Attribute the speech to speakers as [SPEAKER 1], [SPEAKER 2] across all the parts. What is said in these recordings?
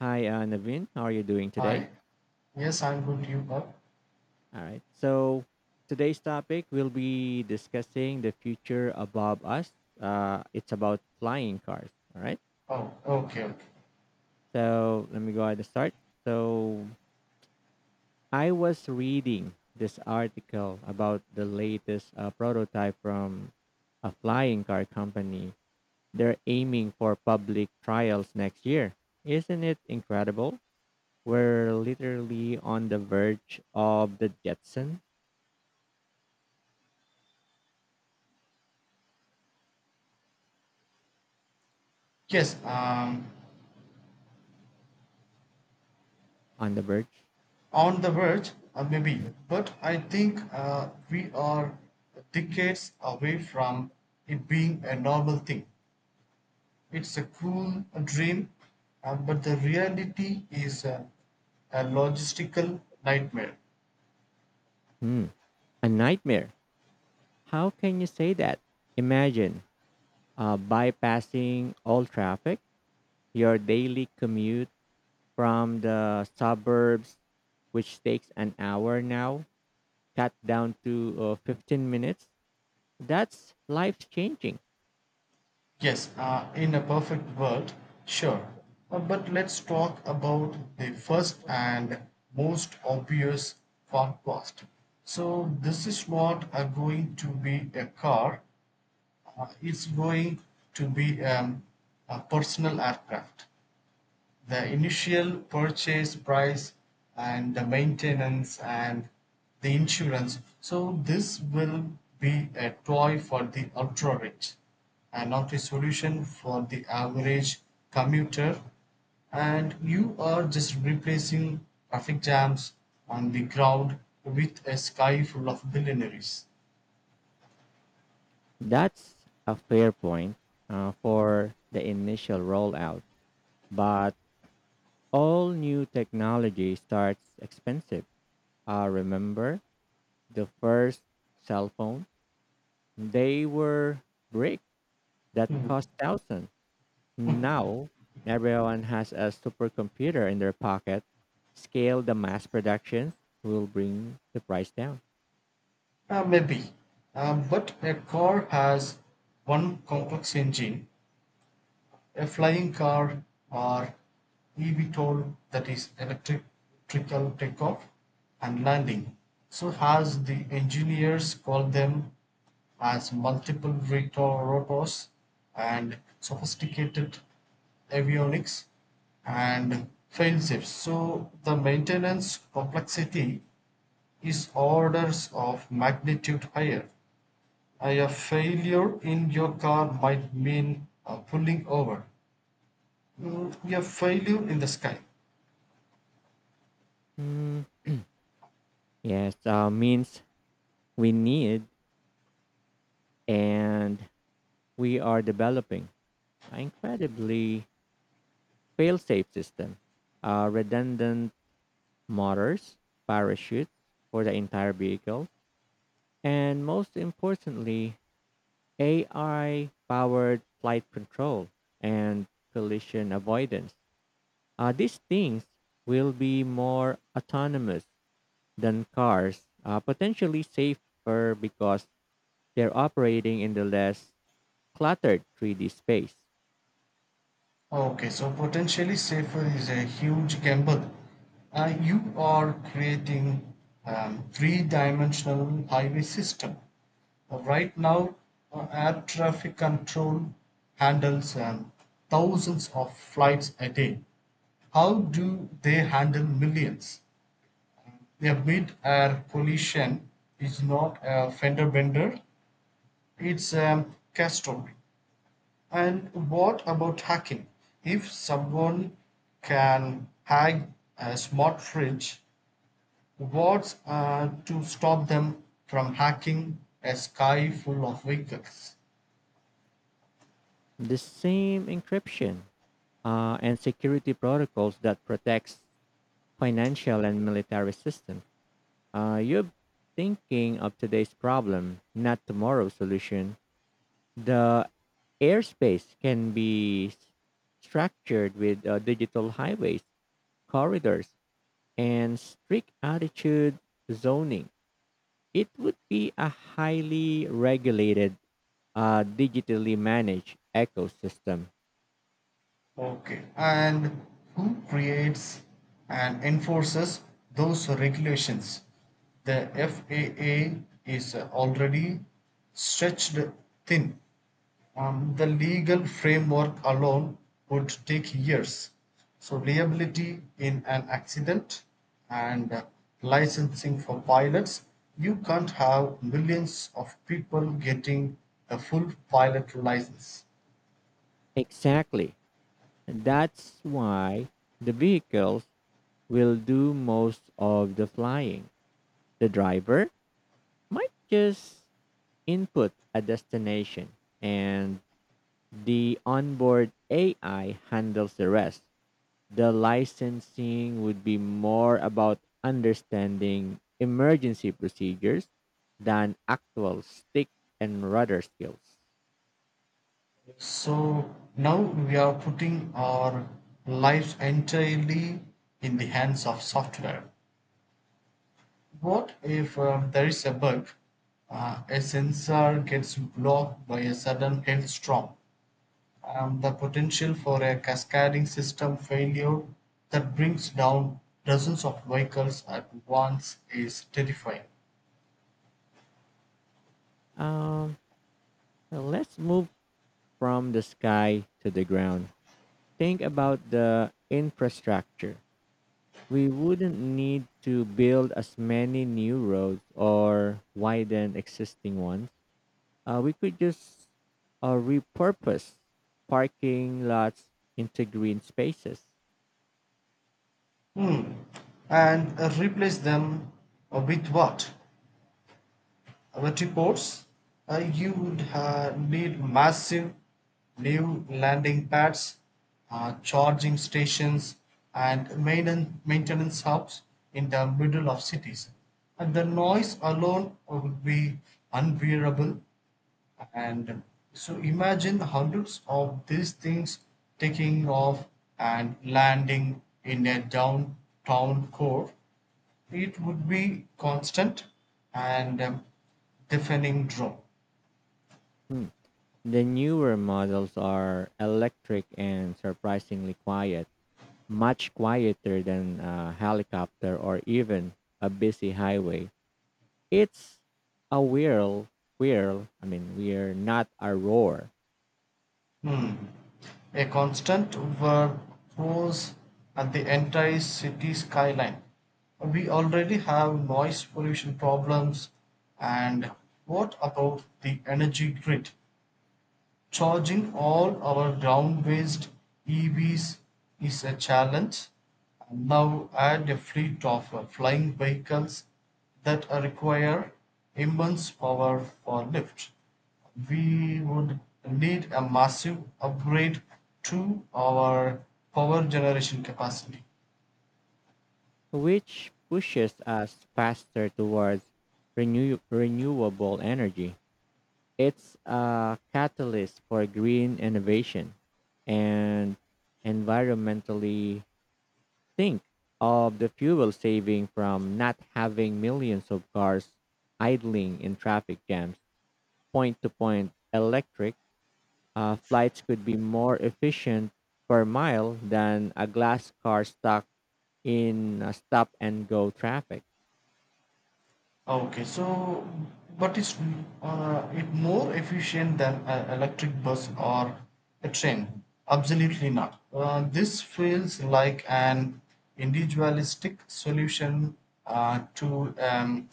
[SPEAKER 1] Hi, Naveen. How are you doing today?
[SPEAKER 2] Hi. Yes, I'm good. You are?
[SPEAKER 1] All right. So today's topic will be discussing the future above us. It's about flying cars. All right.
[SPEAKER 2] Oh, okay, okay.
[SPEAKER 1] So let me go ahead and start. So I was reading this article about the latest prototype from a flying car company. They're aiming for public trials next year. Isn't it incredible? We're literally on the verge of the Jetson.
[SPEAKER 2] Yes, um,
[SPEAKER 1] On the verge?
[SPEAKER 2] on the verge, maybe.
[SPEAKER 1] Yeah.
[SPEAKER 2] But I think we are decades away from it being a normal thing. It's a cool dream, but the reality is a logistical nightmare.
[SPEAKER 1] Hmm. A nightmare. How can you say that? Imagine bypassing all traffic, your daily commute from the suburbs, which takes an hour now, cut down to 15 minutes. That's life changing.
[SPEAKER 2] Yes, in a perfect world, sure. But let's talk about the first and most obvious car cost. So, this is not going to be a car, it's going to be a personal aircraft. The initial purchase price and the maintenance and the insurance. So this will be a toy for the ultra rich and not a solution for the average commuter. And you are just replacing traffic jams on the ground with a sky full of billionaires.
[SPEAKER 1] That's a fair point for the initial rollout. But all new technology starts expensive. Remember the first cell phone? They were brick that cost thousands. Now, everyone has a supercomputer in their pocket. Scale the mass production will bring the price down.
[SPEAKER 2] Maybe. But a car has one complex engine. A flying car or eVTOL, that is electrical takeoff and landing, so has the engineers called them, as multiple rotors and sophisticated avionics and fail-safes. So the maintenance complexity is orders of magnitude higher. A failure in your car might mean pulling over. Mm, a failure in the sky.
[SPEAKER 1] Mm, yes, means we need, and we are developing an incredibly fail-safe system. Redundant motors, parachutes for the entire vehicle, and most importantly, AI powered flight control and collision avoidance. These things will be more autonomous than cars, potentially safer because they're operating in the less cluttered 3D space.
[SPEAKER 2] Okay, so potentially safer is a huge gamble. You are creating three-dimensional highway system. Right now, air traffic control handles thousands of flights a day. How do they handle millions? A mid-air collision is not a fender bender; it's a catastrophe. And what about hacking? If someone can hack a smart fridge, what's to stop them from hacking a sky full of vehicles?
[SPEAKER 1] The same encryption and security protocols that protects financial and military systems. You're thinking of today's problem, not tomorrow's solution. The airspace can be structured with digital highways, corridors, and strict altitude zoning. It would be a highly regulated, digitally managed ecosystem.
[SPEAKER 2] Okay. And who creates and enforces those regulations? The FAA is already stretched thin. The legal framework alone would take years. So, liability in an accident and licensing for pilots, you can't have millions of people getting a full pilot license.
[SPEAKER 1] Exactly. That's why the vehicles will do most of the flying. The driver might just input a destination, and the onboard AI handles the rest. The licensing would be more about understanding emergency procedures than actual stick and rudder skills.
[SPEAKER 2] So, now we are putting our lives entirely in the hands of software. What if there is a bug? A sensor gets blocked by a sudden hailstorm, the potential for a cascading system failure that brings down dozens of vehicles at once is terrifying.
[SPEAKER 1] Um, let's move from the sky to the ground. Think about the infrastructure. We wouldn't need to build as many new roads or widen existing ones. We could just repurpose parking lots into green spaces.
[SPEAKER 2] Hmm. And replace them with what? With reports? You would need massive new landing pads, charging stations, and maintenance hubs in the middle of cities. And the noise alone would be unbearable. And so imagine hundreds of these things taking off and landing in a downtown core. It would be constant and deafening drone.
[SPEAKER 1] Hmm. The newer models are electric and surprisingly quiet, much quieter than a helicopter or even a busy highway. It's a I mean, we're not a roar,
[SPEAKER 2] Hmm. A constant were pose at the entire city skyline. We already have noise pollution problems, and what about the energy grid? Charging all our ground-based EVs is a challenge. And now add a fleet of flying vehicles that require immense power for lift. We would need a massive upgrade to our power generation capacity.
[SPEAKER 1] which pushes us faster towards renewable energy. It's a catalyst for green innovation, and environmentally, think of the fuel saving from not having millions of cars idling in traffic jams. Point to point electric flights could be more efficient per mile than a glass car stuck in a stop and go traffic,
[SPEAKER 2] Okay, so but it's it more efficient than an electric bus or a train? Absolutely not. This feels like an individualistic solution to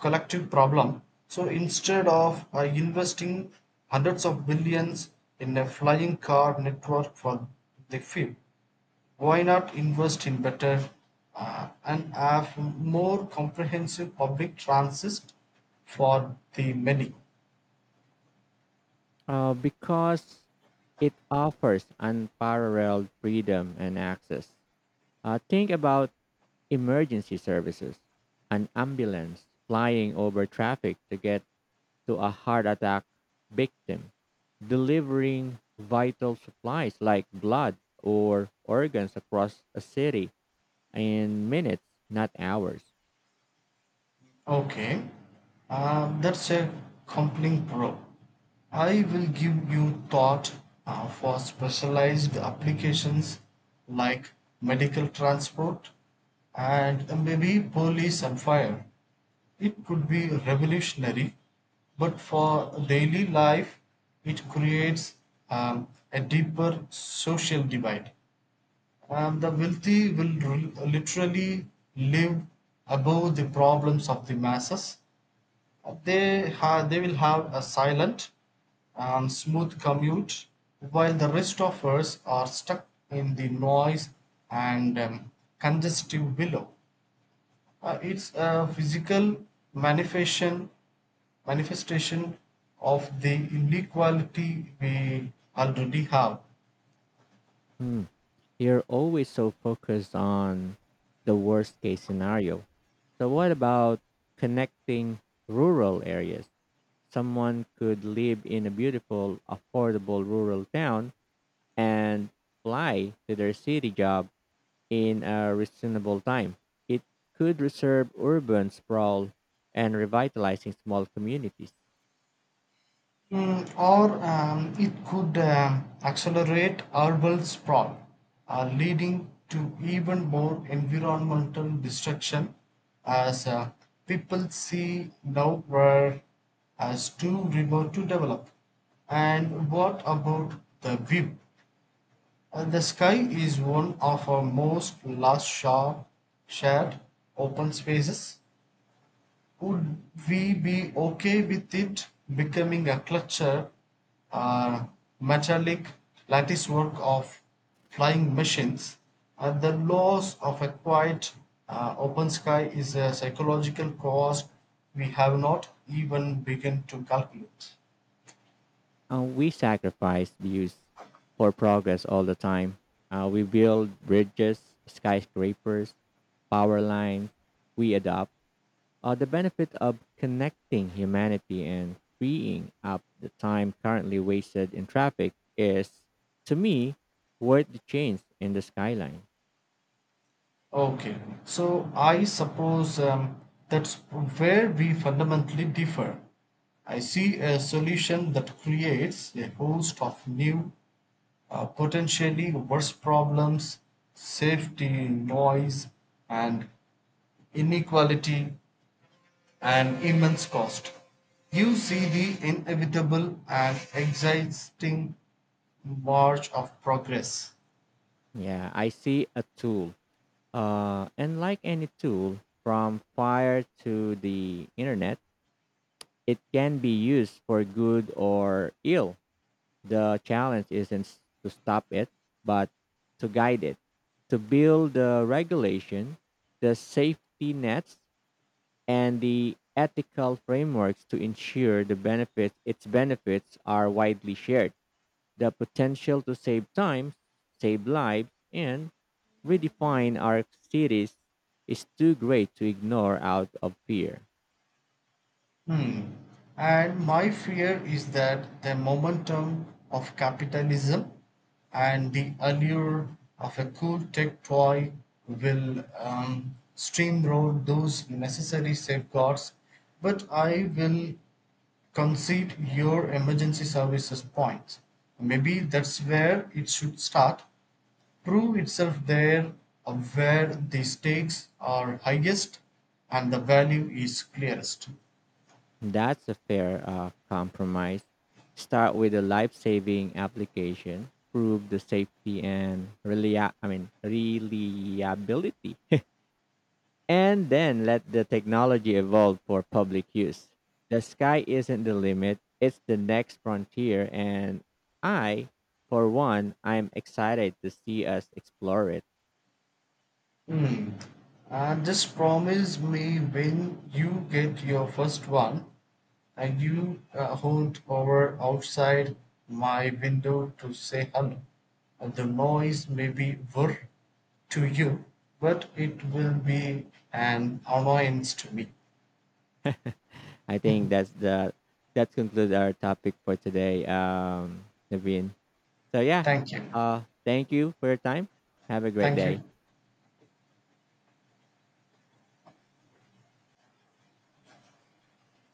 [SPEAKER 2] collective problem. So instead of investing hundreds of billions in a flying car network for the few, why not invest in better and have more comprehensive public transit for the many.
[SPEAKER 1] because it offers unparalleled freedom and access. Think about emergency services, an ambulance flying over traffic to get to a heart attack victim, delivering vital supplies like blood or organs across a city in minutes, not hours.
[SPEAKER 2] Okay, that's a compelling pro. I will give you thought for specialized applications like medical transport and maybe police and fire. It could be revolutionary, but for daily life, it creates a deeper social divide. The wealthy will literally live above the problems of the masses. They, they will have a silent and smooth commute, while the rest of us are stuck in the noise and congestive billow. It's a physical manifestation, manifestation of the inequality we already have.
[SPEAKER 1] Hmm. You're always so focused on the worst case scenario. So, what about connecting rural areas? Someone could live in a beautiful, affordable rural town and fly to their city job in a reasonable time. It could reserve urban sprawl and revitalizing small communities.
[SPEAKER 2] Mm, or it could accelerate urban sprawl, leading to even more environmental destruction as people see now were as too remote to develop. And what about the view? The sky is one of our most last shared open spaces. Would we be okay with it becoming a culture or metallic lattice work of flying machines? And the loss of a quiet, open sky is a psychological cost we have not even begun to calculate.
[SPEAKER 1] We sacrifice views for progress all the time. We build bridges, skyscrapers, power lines. We adopt the benefit of connecting humanity and freeing up the time currently wasted in traffic is, to me, worth the change in the skyline.
[SPEAKER 2] Okay, so I suppose that's where we fundamentally differ. I see a solution that creates a host of new potentially worse problems, safety, noise, and inequality, and immense cost. You see the inevitable and exhausting march of progress.
[SPEAKER 1] Yeah, I see a tool. And like any tool, from fire to the internet, it can be used for good or ill. The challenge isn't to stop it, but to guide it, to build the regulation, the safety nets, and the ethical frameworks to ensure the benefits its benefits are widely shared. The potential to save time, save lives, and redefine our cities is too great to ignore out of fear.
[SPEAKER 2] Hmm. And my fear is that the momentum of capitalism and the allure of a cool tech toy will steamroll those necessary safeguards. But I will concede your emergency services point. Maybe that's where it should start. Prove itself there where the stakes are highest and the value is clearest.
[SPEAKER 1] That's a fair compromise. Start with a life-saving application, prove the safety and reliability, and then let the technology evolve for public use. The sky isn't the limit; it's the next frontier, and I, for one, I'm excited to see us explore it.
[SPEAKER 2] Hmm. Just promise me when you get your first one and you hold over outside my window to say hello. The noise may be whir to you, but it will be an annoyance to me.
[SPEAKER 1] I think that concludes our topic for today, Naveen. So yeah,
[SPEAKER 2] Thank you.
[SPEAKER 1] thank you for your time. Have a great
[SPEAKER 2] Thank you.
[SPEAKER 1] day.